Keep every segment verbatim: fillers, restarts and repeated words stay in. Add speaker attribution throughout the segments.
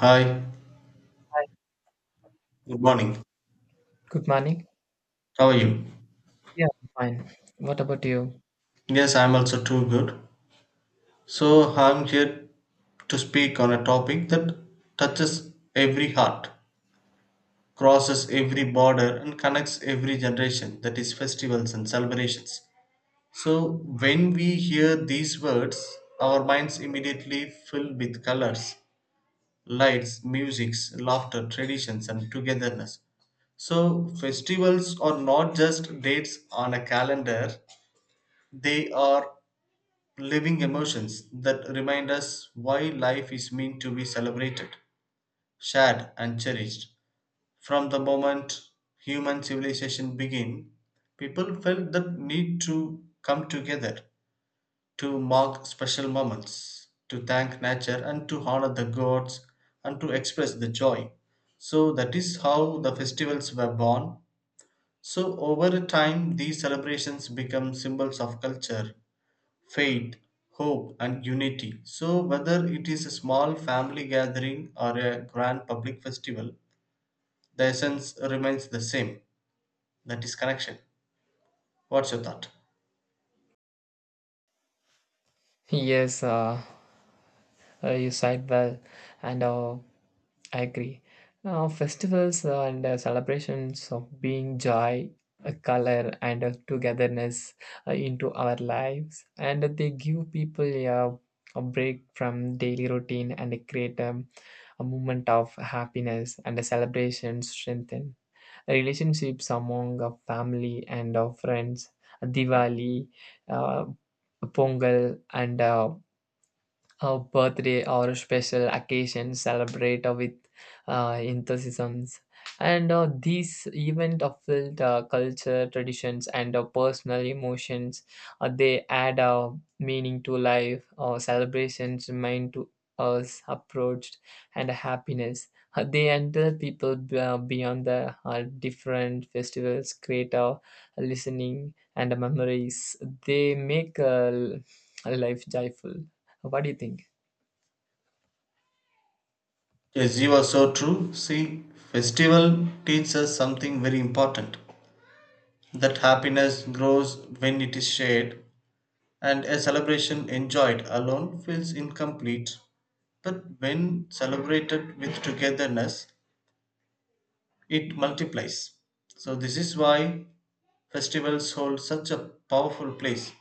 Speaker 1: Hi,
Speaker 2: Hi,
Speaker 1: good morning.
Speaker 2: good morning.
Speaker 1: How are you?
Speaker 2: Yeah, I'm fine. What about you?
Speaker 1: Yes, I'm also too good. So, I'm here to speak on a topic that touches every heart, crosses every border, and connects every generation, that is, festivals and celebrations. So, when we hear these words, our minds immediately fill with colors, lights, musics, laughter, traditions, and togetherness. So, festivals are not just dates on a calendar, they are living emotions that remind us why life is meant to be celebrated, shared, and cherished. From the moment human civilization began, people felt the need to come together, to mark special moments, to thank nature, and to honor the gods, and to express the joy. So, that is how the festivals were born. So, over time, these celebrations become symbols of culture, faith, hope, and unity. So, whether it is a small family gathering or a grand public festival, the essence remains the same, that is, connection. What's your thought?
Speaker 2: Yes, uh, uh, you said well, and uh, I agree. Uh, festivals and uh, celebrations of being joy, uh, color, and uh, togetherness uh, into our lives, and they give people uh, a break from daily routine and create um, a moment of happiness and a celebration strengthen relationships among a family and our friends, Diwali, uh, Pongal, and uh, a birthday or special occasion celebrate with uh, enthusiasms, and uh, these events are filled uh, culture traditions and uh, personal emotions. Uh, they add uh, meaning to life. Uh, celebrations mean to us approached and happiness. Uh, they enter people b- uh, beyond the uh, different festivals create a listening and memories. They make uh, l- life joyful. What do you think?
Speaker 1: Yes, you are so true. See, festival teaches us something very important, that happiness grows when it is shared, and a celebration enjoyed alone feels incomplete. But when celebrated with togetherness, it multiplies. So, this is why festivals hold such a powerful place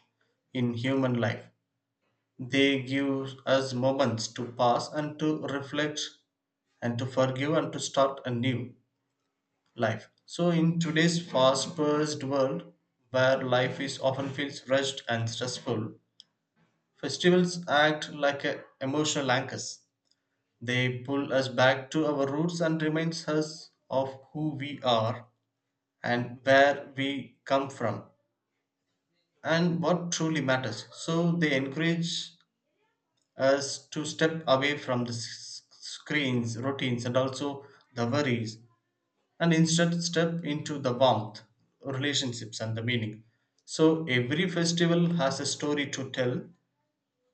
Speaker 1: in human life. They give us moments to pause and to reflect and to forgive and to start a new life. So, in today's fast paced world where life is often feels rushed and stressful, festivals act like a emotional anchors. They pull us back to our roots and reminds us of who we are and where we come from, and what truly matters. So they encourage us to step away from the s- screens, routines, and also the worries, and instead step into the warmth, relationships, and the meaning. So every festival has a story to tell.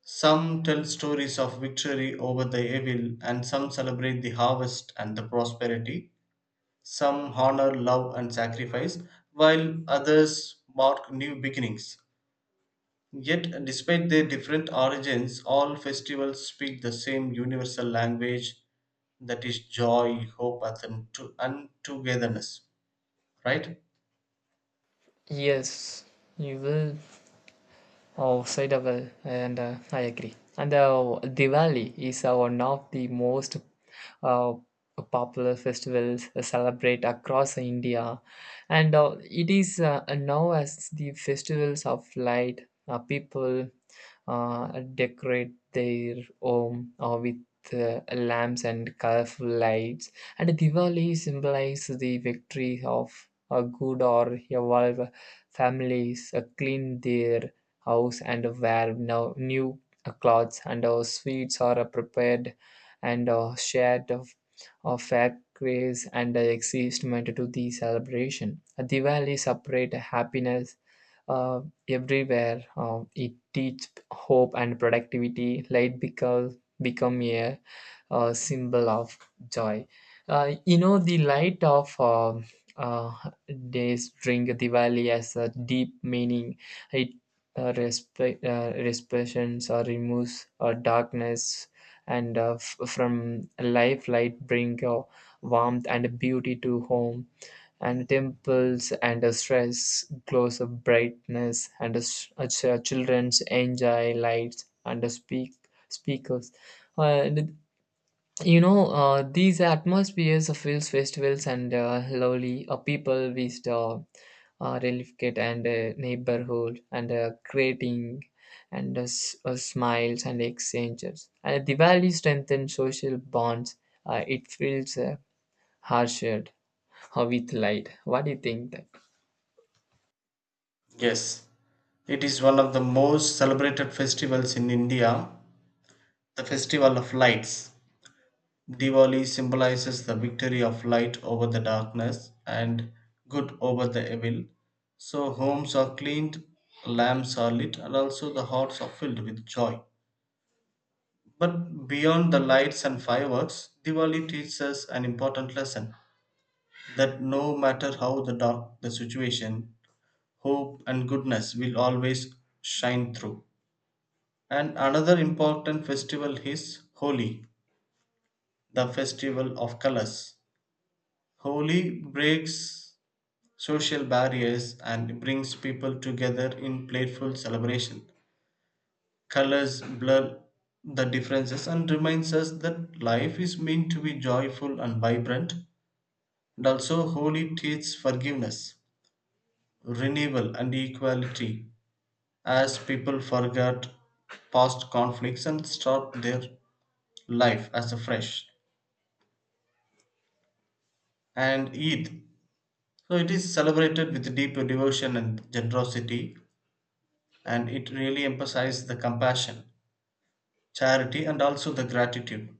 Speaker 1: Some tell stories of victory over the evil, and some celebrate the harvest and the prosperity. Some honor love and sacrifice, while others mark new beginnings. Yet, despite their different origins, all festivals speak the same universal language, that is joy, hope, and, to- and togetherness. Right?
Speaker 2: Yes, you will. Oh, Sidewell, and uh, I agree. And uh, Diwali is uh, one of the most uh, popular festivals celebrate across India, and uh, it is uh, now as the festivals of light. Uh, people uh, decorate their home uh, with uh, lamps and colorful lights. And Diwali symbolizes the victory of a good or evolve. Families uh, clean their house and where now new uh, clothes and uh, sweets are uh, prepared and uh, shared of, of fair grace and uh, excitement to the celebration. Diwali separate happiness uh, everywhere. Um, it teach hope and productivity. Light because become a, uh symbol of joy. Uh, you know, the light of uh, uh, days during Diwali has a deep meaning. It uh, respe- uh, expressions or removes uh, darkness and uh, f- from life light bring uh, warmth and beauty to home and dimples and a stress glows of brightness and a, s- a ch- a children's enjoy lights and a speak speakers. Uh, and you know uh, these atmospheres of hills festivals and uh, lovely uh, people with the uh, relief and uh, neighborhood and uh, creating and uh, s- uh, smiles and exchanges and the valley strengthens social bonds. Uh, it feels uh, hard shared. Or with light. What do you think that?
Speaker 1: Yes. It is one of the most celebrated festivals in India, the Festival of Lights. Diwali symbolizes the victory of light over the darkness and good over the evil. So, homes are cleaned, lamps are lit, and also the hearts are filled with joy. But beyond the lights and fireworks, Diwali teaches us an important lesson that no matter how the dark the situation, hope and goodness will always shine through. And another important festival is Holi, the festival of colors. Holi breaks social barriers and brings people together in playful celebration. Colors blur the differences and reminds us that life is meant to be joyful and vibrant. And also, holy teaches forgiveness, renewal, and equality as people forget past conflicts and start their life as afresh. And Eid, so it is celebrated with deep devotion and generosity, and it really emphasizes the compassion, charity, and also the gratitude.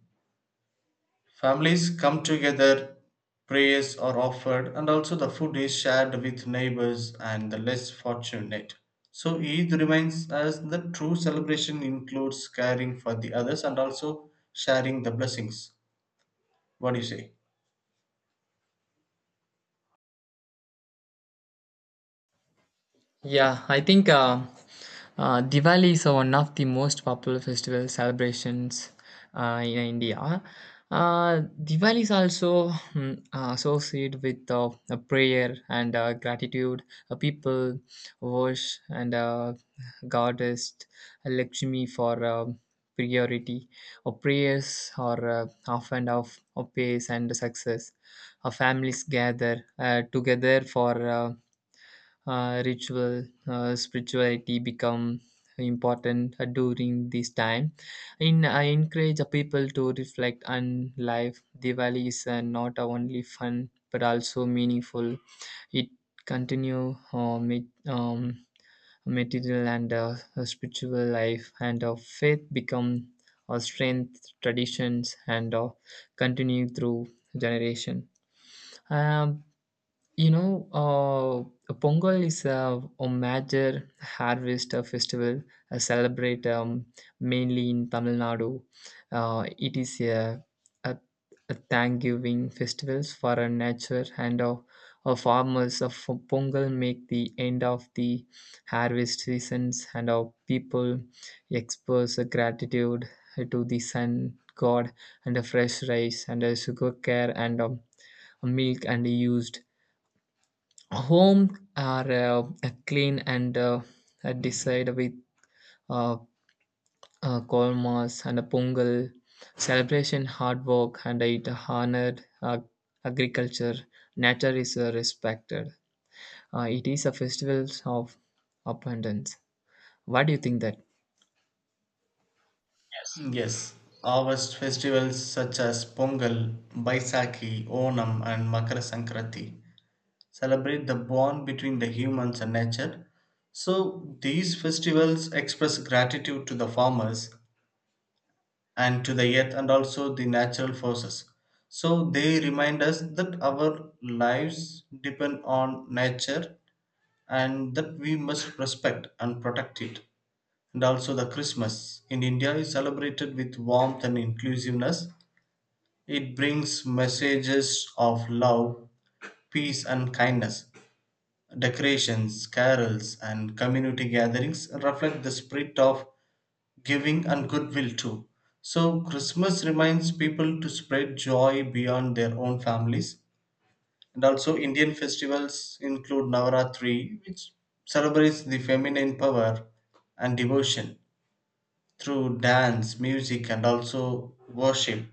Speaker 1: Families come together, prayers are offered, and also the food is shared with neighbors and the less fortunate. So Eid reminds us that true celebration includes caring for the others and also sharing the blessings. What do you say?
Speaker 2: Yeah, I think uh, uh, Diwali is one of the most popular festival celebrations uh, in India. Uh, Diwali is also mm, uh, associated with uh, a prayer and uh, gratitude. Uh, people worship and uh, goddess Lakshmi for uh, priority. Or prayers are uh, often of, of peace and success. Our families gather uh, together for. Uh, uh, ritual uh, spirituality become important uh, during this time in I encourage people to reflect on life. Diwali is uh, not only fun but also meaningful. It continue uh, mit- um, material and uh, spiritual life, and of faith become a strength. Traditions and uh, continue through generation. Um, you know, uh, Pongal is a, a major harvest uh, festival uh, celebrate um, mainly in Tamil Nadu. Uh, it is a, a, a thanksgiving festival for our nature and uh, our farmers of Pongal make the end of the harvest seasons, and our people express a gratitude to the sun god and a fresh rice and a sugar care and um, milk and used. Homes are uh, clean and uh, decide with uh, uh, kolmas and a pungal, celebration, hard work, and it honored uh, agriculture. Nature is uh, respected. Uh, it is a festival of abundance. What do you think that?
Speaker 1: Yes, harvest festivals such as Pongal, Baisakhi, Onam, and Makara Sankranti celebrate the bond between the humans and nature. So, these festivals express gratitude to the farmers and to the earth and also the natural forces. So they remind us that our lives depend on nature and that we must respect and protect it. And also the Christmas in India is celebrated with warmth and inclusiveness. It brings messages of love, peace and kindness. Decorations, carols and community gatherings reflect the spirit of giving and goodwill too. So Christmas reminds people to spread joy beyond their own families. And also Indian festivals include Navaratri, which celebrates the feminine power and devotion through dance, music, and also worship.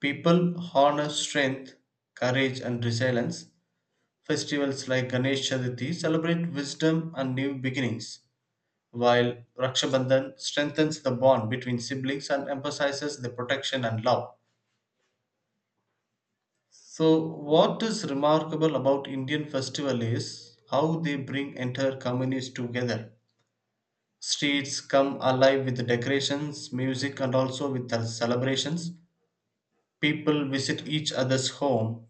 Speaker 1: People honor strength, courage, and resilience. Festivals like Ganesh Chaturthi celebrate wisdom and new beginnings while Rakshabandhan strengthens the bond between siblings and emphasizes the protection and love. So, what is remarkable about Indian festival is how they bring entire communities together. Streets come alive with decorations, music, and also with the celebrations. People visit each other's home,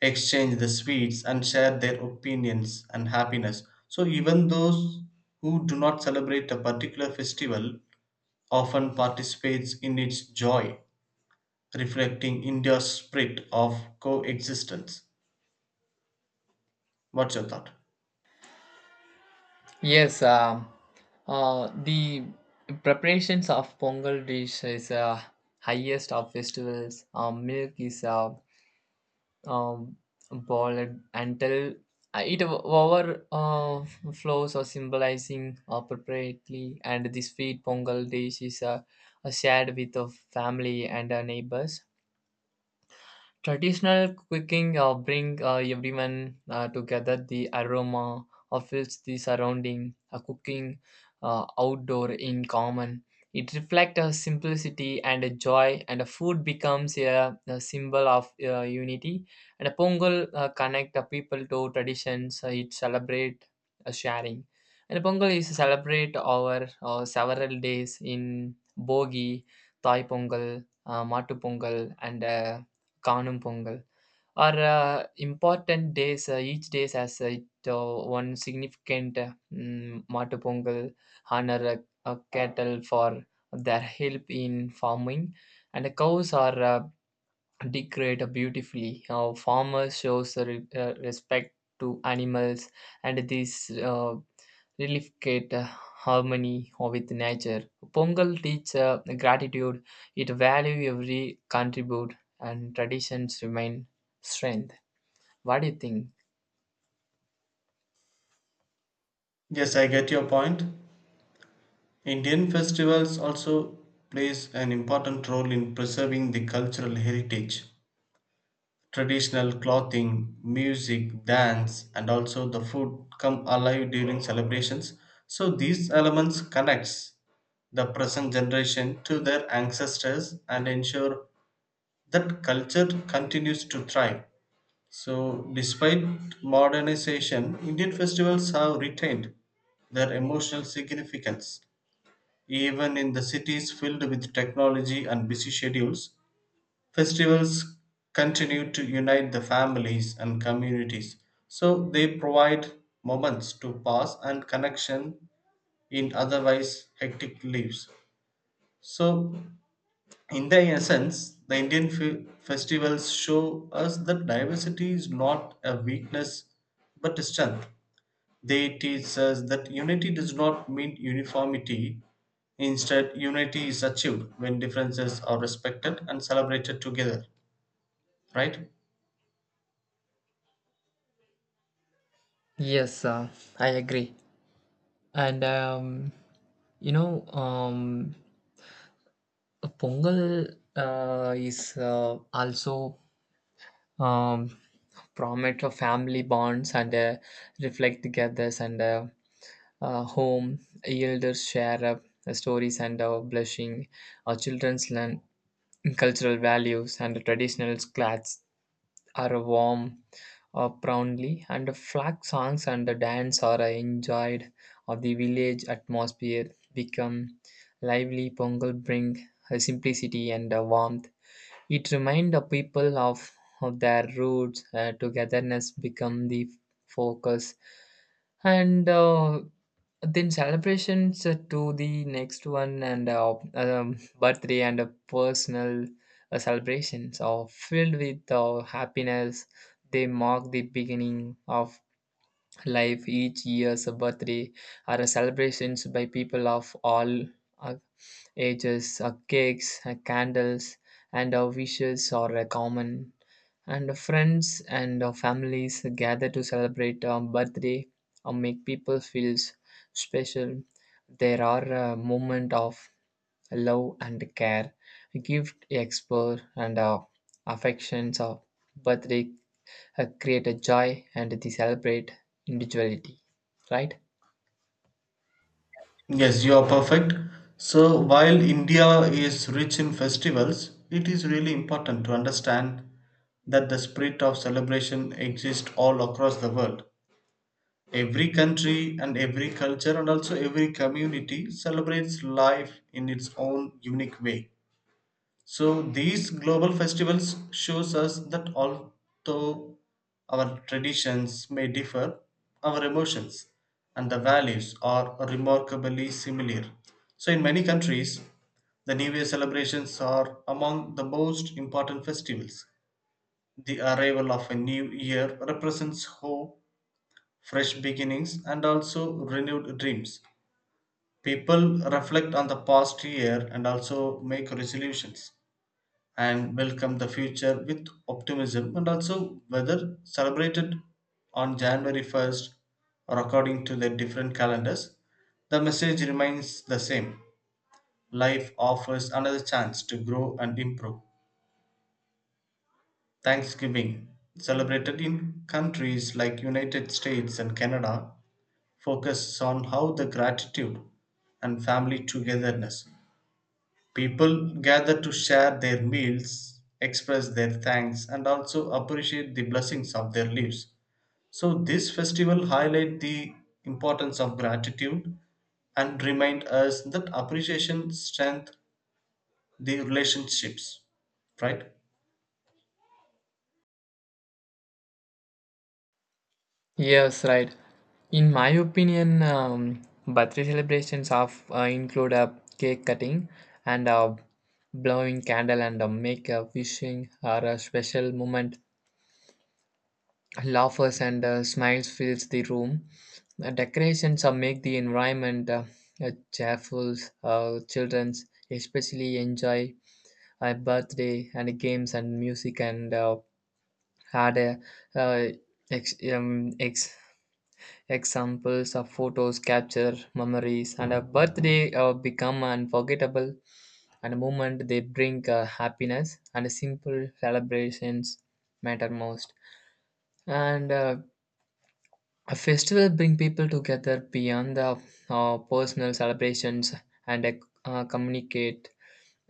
Speaker 1: exchange the sweets, and share their opinions and happiness. So, even those who do not celebrate a particular festival often participates in its joy, reflecting India's spirit of coexistence. What's your thought?
Speaker 2: Yes, um, uh, the preparations of Pongal dish is uh, highest of festivals. Uh, milk is uh, um, ball and- until uh, it overflows or symbolizing appropriately, and this sweet pongal dish is uh, uh, shared with the family and our neighbors. Traditional cooking uh, bring uh, everyone uh, together. The aroma of its the surrounding uh, cooking uh, outdoor in common. It reflects a simplicity and a joy, and a food becomes a, a symbol of uh, unity. And a Pongal uh, connect the people to traditions. Uh, it celebrate uh, sharing. And a Pongal is celebrate over uh, several days in Bogi, Thai Pongal, uh, Matu Pongal, and uh, Kanum Pongal are uh, important days. Uh, each day has uh, it, uh, one significant uh, mm, Matu Pongal honor a cattle for their help in farming, and the cows are uh, decorate beautifully. Uh, farmers shows the re- uh, respect to animals, and this uh, reliefcate uh, harmony with nature. Pongal teach uh, gratitude. It value every contribute, and traditions remain strength. What do you think?
Speaker 1: Yes, I get your point. Indian festivals also plays an important role in preserving the cultural heritage. Traditional clothing, music, dance, and also the food come alive during celebrations. So these elements connects the present generation to their ancestors and ensure that culture continues to thrive. So, despite modernization, Indian festivals have retained their emotional significance. Even in the cities filled with technology and busy schedules, festivals continue to unite the families and communities. So, they provide moments to pass and connection in otherwise hectic lives. So, in their essence, the Indian fe- festivals show us that diversity is not a weakness but a strength. They teach us that unity does not mean uniformity. Instead, unity is achieved when differences are respected and celebrated together. Right?
Speaker 2: Yes, uh, I agree. And um, you know, um, Pongal uh, is uh, also um, promote a family bonds and uh, reflect together, and uh, uh, home elders share uh, stories and uh, blushing. Our children's learn cultural values, and traditional clothes are warm uh, proudly, and the flag songs and the dance are uh, enjoyed of the village atmosphere become lively. Pongal bring uh, simplicity and uh, warmth. It reminds the people of, of their roots. Uh, togetherness become the focus, and uh, then celebrations uh, to the next one. And uh, um, birthday and uh, personal uh, celebrations are filled with uh, happiness. They mark the beginning of life. Each year's birthday are celebrations by people of all uh, ages. Uh, cakes, uh, candles, and our wishes are uh, common. And uh, friends and uh, families gather to celebrate a birthday or make people feel s- special. There are uh, moments of love and care, gift expert, and uh, affections of birthday uh, create a joy, and they celebrate individuality, right?
Speaker 1: Yes, you are perfect. So, while India is rich in festivals, it is really important to understand that the spirit of celebration exists all across the world. Every country and every culture and also every community celebrates life in its own unique way. So these global festivals shows us that although our traditions may differ, our emotions and the values are remarkably similar. So in many countries, the New Year celebrations are among the most important festivals. The arrival of a new year represents hope, fresh beginnings and also renewed dreams. People reflect on the past year and also make resolutions and welcome the future with optimism, and also whether celebrated on January first or according to their different calendars, the message remains the same. Life offers another chance to grow and improve. Thanksgiving, celebrated in countries like United States and Canada, focuses on how the gratitude and family togetherness. People gather to share their meals, express their thanks, and also appreciate the blessings of their lives. So this festival highlight the importance of gratitude and remind us that appreciation strength the relationships. Right?
Speaker 2: Yes, right. In my opinion, um, birthday celebrations of uh, include a cake cutting and uh, blowing candle and uh, make a wishing or a special moment. Laughs and uh, smiles fills the room. Uh, decorations uh, make the environment uh, uh, cheerful. Uh, children especially enjoy a birthday and games and music and uh, had a uh, ex- um, ex- examples of photos capture memories, and a birthday uh, become unforgettable, and a moment they bring uh, happiness, and simple celebrations matter most. And uh, a festival bring people together beyond the uh, personal celebrations and uh, uh, communicate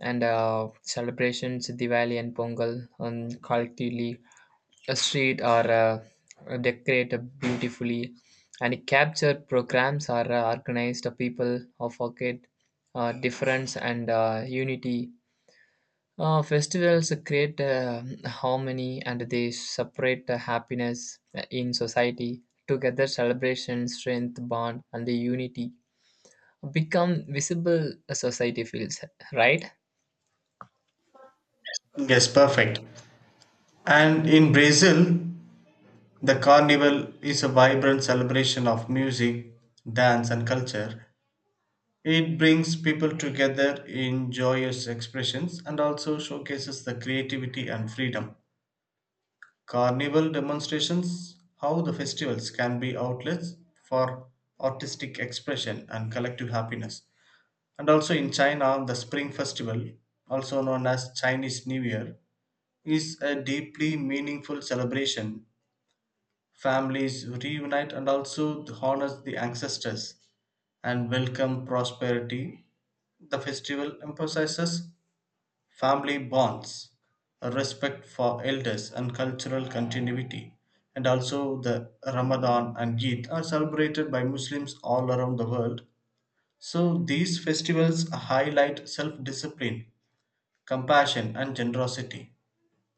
Speaker 2: and uh, celebrations Diwali and Pongal um, collectively a street are uh, decorated beautifully, and capture programs are uh, organized people of forget uh, difference and uh, unity. Uh, festivals create uh, harmony, and they separate uh, happiness in society together. Celebration strength bond, and the unity become visible. A society feels right.
Speaker 1: Yes, perfect. And in Brazil, the carnival is a vibrant celebration of music, dance, and culture. It brings people together in joyous expressions and also showcases the creativity and freedom. Carnival demonstrations how the festivals can be outlets for artistic expression and collective happiness. And also in China, the Spring Festival, also known as Chinese New Year, is a deeply meaningful celebration. Families reunite and also honor the ancestors and welcome prosperity. The festival emphasizes family bonds, a respect for elders, and cultural continuity. And also, the Ramadan and Eid are celebrated by Muslims all around the world. So, these festivals highlight self discipline, compassion, and generosity.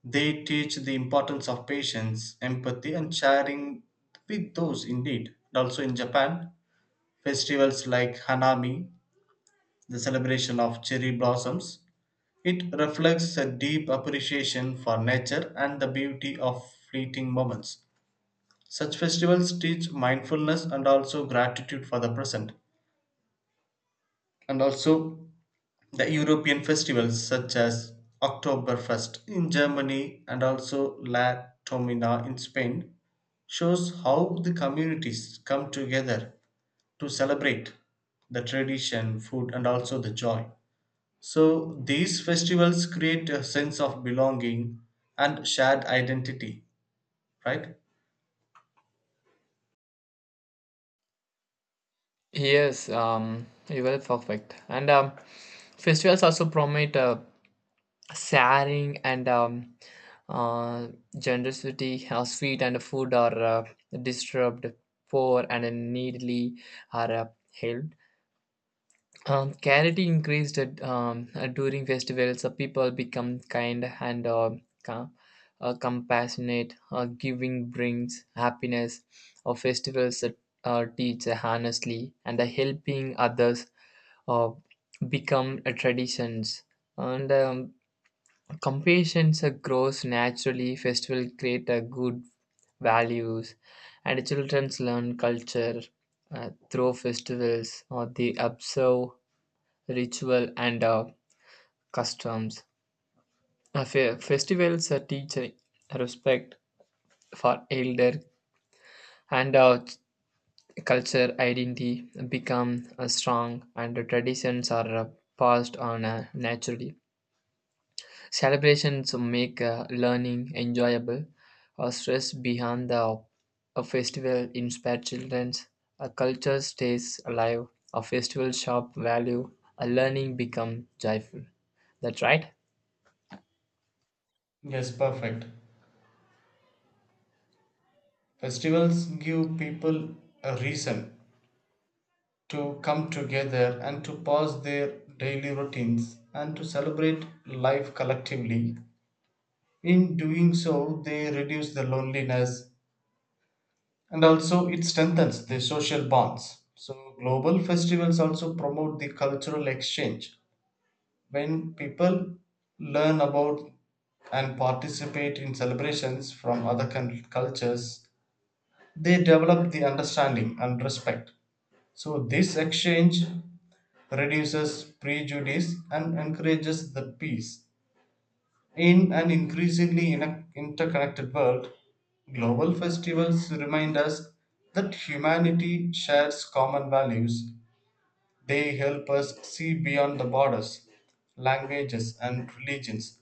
Speaker 1: They teach the importance of patience, empathy, and sharing with those in need. And also in Japan, festivals like Hanami, the celebration of cherry blossoms, it reflects a deep appreciation for nature and the beauty of fleeting moments. Such festivals teach mindfulness and also gratitude for the present. And also, the European festivals such as Oktoberfest in Germany and also La Tomina in Spain shows how the communities come together to celebrate the tradition, food and also the joy. So these festivals create a sense of belonging and shared identity, right?
Speaker 2: Yes, um you were perfect. And um, festivals also promote uh, sharing and um, uh, generosity. Uh, sweet and food are uh, disturbed, poor and needily are uh, helped. Um, charity increased um, during festivals. So people become kind and uh, com- uh, compassionate. Uh, giving brings happiness. Uh, festivals that uh, teach honestly and the helping others uh, become uh, traditions. And um, compassion uh, grows naturally. Festival create a good values, and childrens learn culture uh, through festivals or they observe ritual and uh, customs. Uh, fe- festivals uh, teach uh, respect for elder and uh, ch- culture identity become uh, strong, and the traditions are uh, passed on uh, naturally. Celebrations make uh, learning enjoyable. A stress behind the a festival inspires children. A culture stays alive. A festival shop value. A learning become joyful. That's right.
Speaker 1: Yes, perfect. Festivals give people a reason to come together and to pause their daily routines and to celebrate life collectively. In doing so, they reduce the loneliness and also it strengthens the social bonds. So, global festivals also promote the cultural exchange. When people learn about and participate in celebrations from other cul- cultures, they develop the understanding and respect. So, this exchange reduces prejudice, and encourages the peace. In an increasingly in- interconnected world, global festivals remind us that humanity shares common values. They help us see beyond the borders, languages, and religions.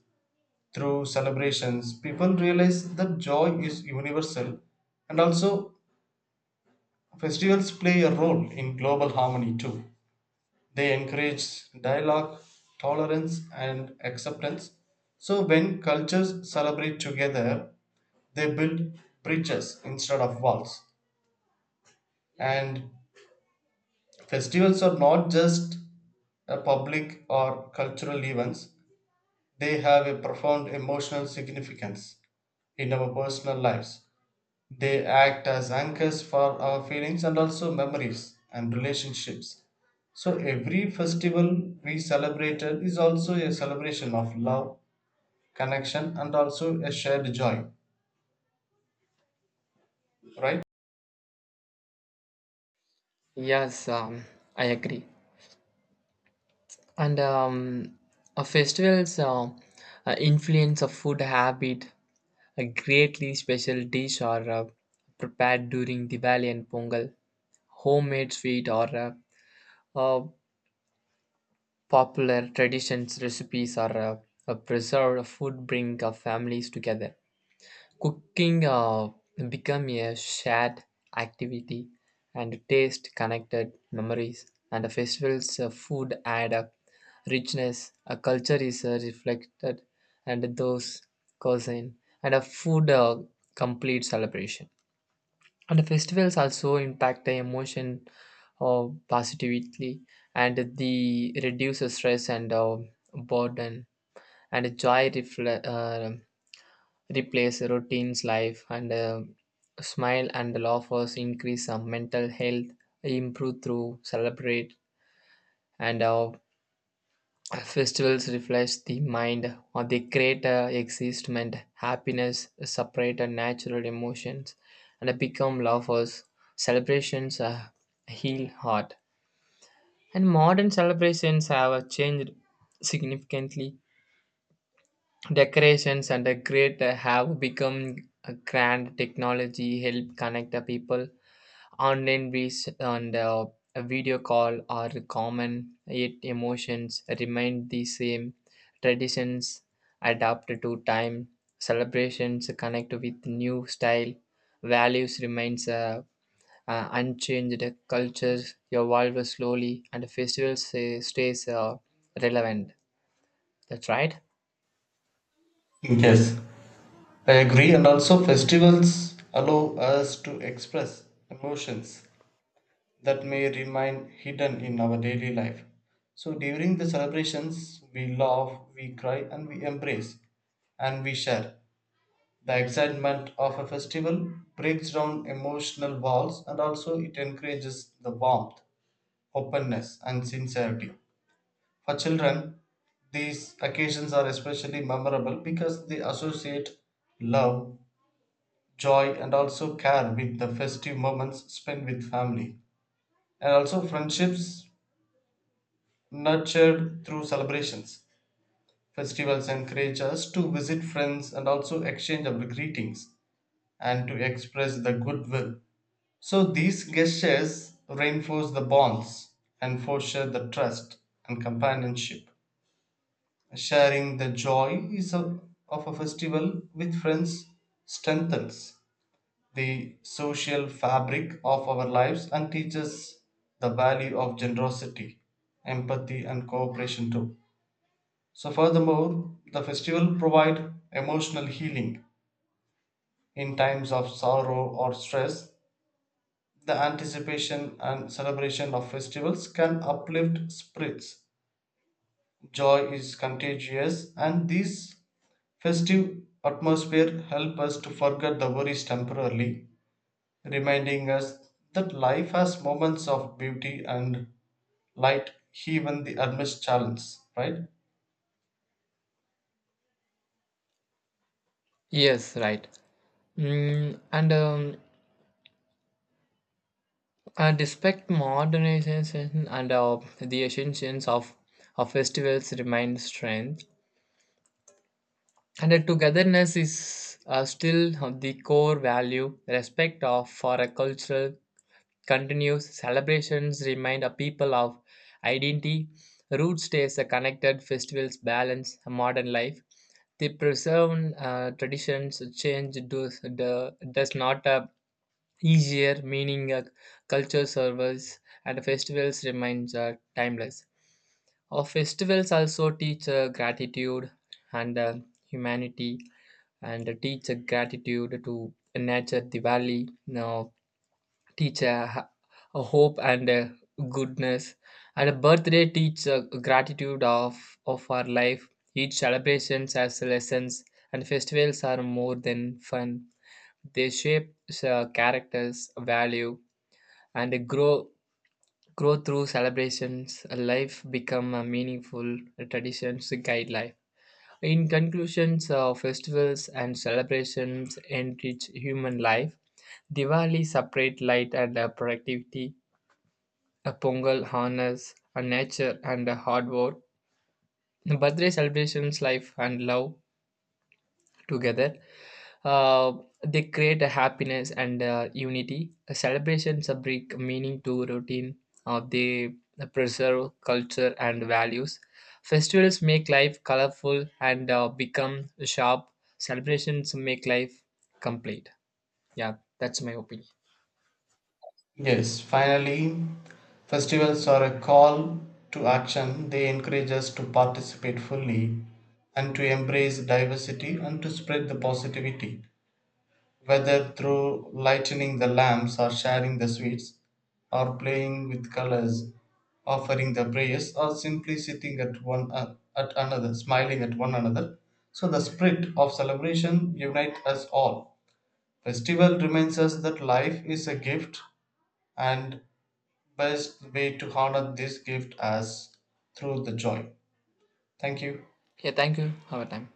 Speaker 1: Through celebrations, people realize that joy is universal, and also festivals play a role in global harmony too. They encourage dialogue, tolerance, and acceptance. So, when cultures celebrate together, they build bridges instead of walls. And festivals are not just a public or cultural events, they have a profound emotional significance in our personal lives. They act as anchors for our feelings and also memories and relationships. So every festival we celebrated is also a celebration of love, connection, and also a shared joy, right?
Speaker 2: Yes, um, I agree. And um, a festival's uh, uh, influence of food habit, a greatly special dish or uh, prepared during Diwali and Pongal, homemade sweet or uh, uh, popular traditions recipes are uh, uh, preserved. Food bring uh, families together. Cooking uh, become a shared activity, and taste connected memories. And the festivals uh, food add a richness. A culture is uh, reflected, and those cousin and a food uh, complete celebration. And the festivals also impact the emotion uh, positively, and the reduces stress and uh, burden and joy refle- uh, replace routine's life, and uh, smile and laughers increase some mental health improve through celebrate. And uh, Festivals reflect the mind, or they create a existment, happiness, separate and natural emotions, and become lovers. Celebrations uh, heal heart. And modern celebrations have uh, changed significantly. Decorations and the great have become a grand technology help connect the people. Online ways and uh, a video call are common, yet emotions remain the same. Traditions adapt to time, celebrations connect with new style, values remains uh, uh, unchanged, cultures evolve slowly, and festivals stay, stays uh, relevant. That's right.
Speaker 1: Yes, I agree. And also, festivals allow us to express emotions that may remain hidden in our daily life. So, during the celebrations, we laugh, we cry, and we embrace and we share. The excitement of a festival breaks down emotional walls and also it encourages the warmth, openness, and sincerity. For children, these occasions are especially memorable because they associate love, joy, and also care with the festive moments spent with family and also friendships nurtured through celebrations. Festivals encourage us to visit friends and also exchange our greetings and to express the goodwill. So these gestures reinforce the bonds and foster the trust and companionship. Sharing the joy is a, of a festival with friends strengthens the social fabric of our lives and teaches the value of generosity, empathy, and cooperation too. So, furthermore, the festival provide emotional healing in times of sorrow or stress. The anticipation and celebration of festivals can uplift spirits. Joy is contagious, and these festive atmosphere help us to forget the worries temporarily, reminding us that life has moments of beauty and light, even the amidst challenge. Right?
Speaker 2: Yes, right. Mm, and um, And despite modernization and uh, the essence of, of festivals remain strength, and the togetherness is uh, still of the core value. Respect of for a cultural continues. Celebrations remind a people of identity. Root stays a connected. Festivals balance a modern life. The preserved uh, traditions change does, do- does not uh, easier meaning. Uh, culture servers, and festivals remains uh, timeless. Our festivals also teach uh, gratitude and uh, humanity, and uh, teach uh, gratitude to nature, the valley, now teach uh, h- a hope and uh, goodness. And a birthday teach uh, gratitude of, of our life. Each celebrations has lessons, and festivals are more than fun. They shape uh, characters, value, and grow grow through celebrations. Life become a meaningful traditions guide life. In conclusions, uh, festivals and celebrations enrich human life. Diwali separate light and uh, productivity. A pongal honors a nature and a hard work. The birthday celebrations life and love together. Uh, they create a happiness and uh, unity. Celebrations uh, bring meaning to routine. Uh, they preserve culture and values. Festivals make life colorful and uh, become sharp. Celebrations make life complete. Yeah, that's my opinion.
Speaker 1: Yes, finally, festivals are a call to action. They encourage us to participate fully and to embrace diversity and to spread the positivity, whether through lighting the lamps or sharing the sweets or playing with colors, offering the prayers or simply sitting at one at another, smiling at one another. So the spirit of celebration unites us all. Festival reminds us that life is a gift and best way to honor this gift as through the joy. Thank you.
Speaker 2: Yeah, thank you. Have a time.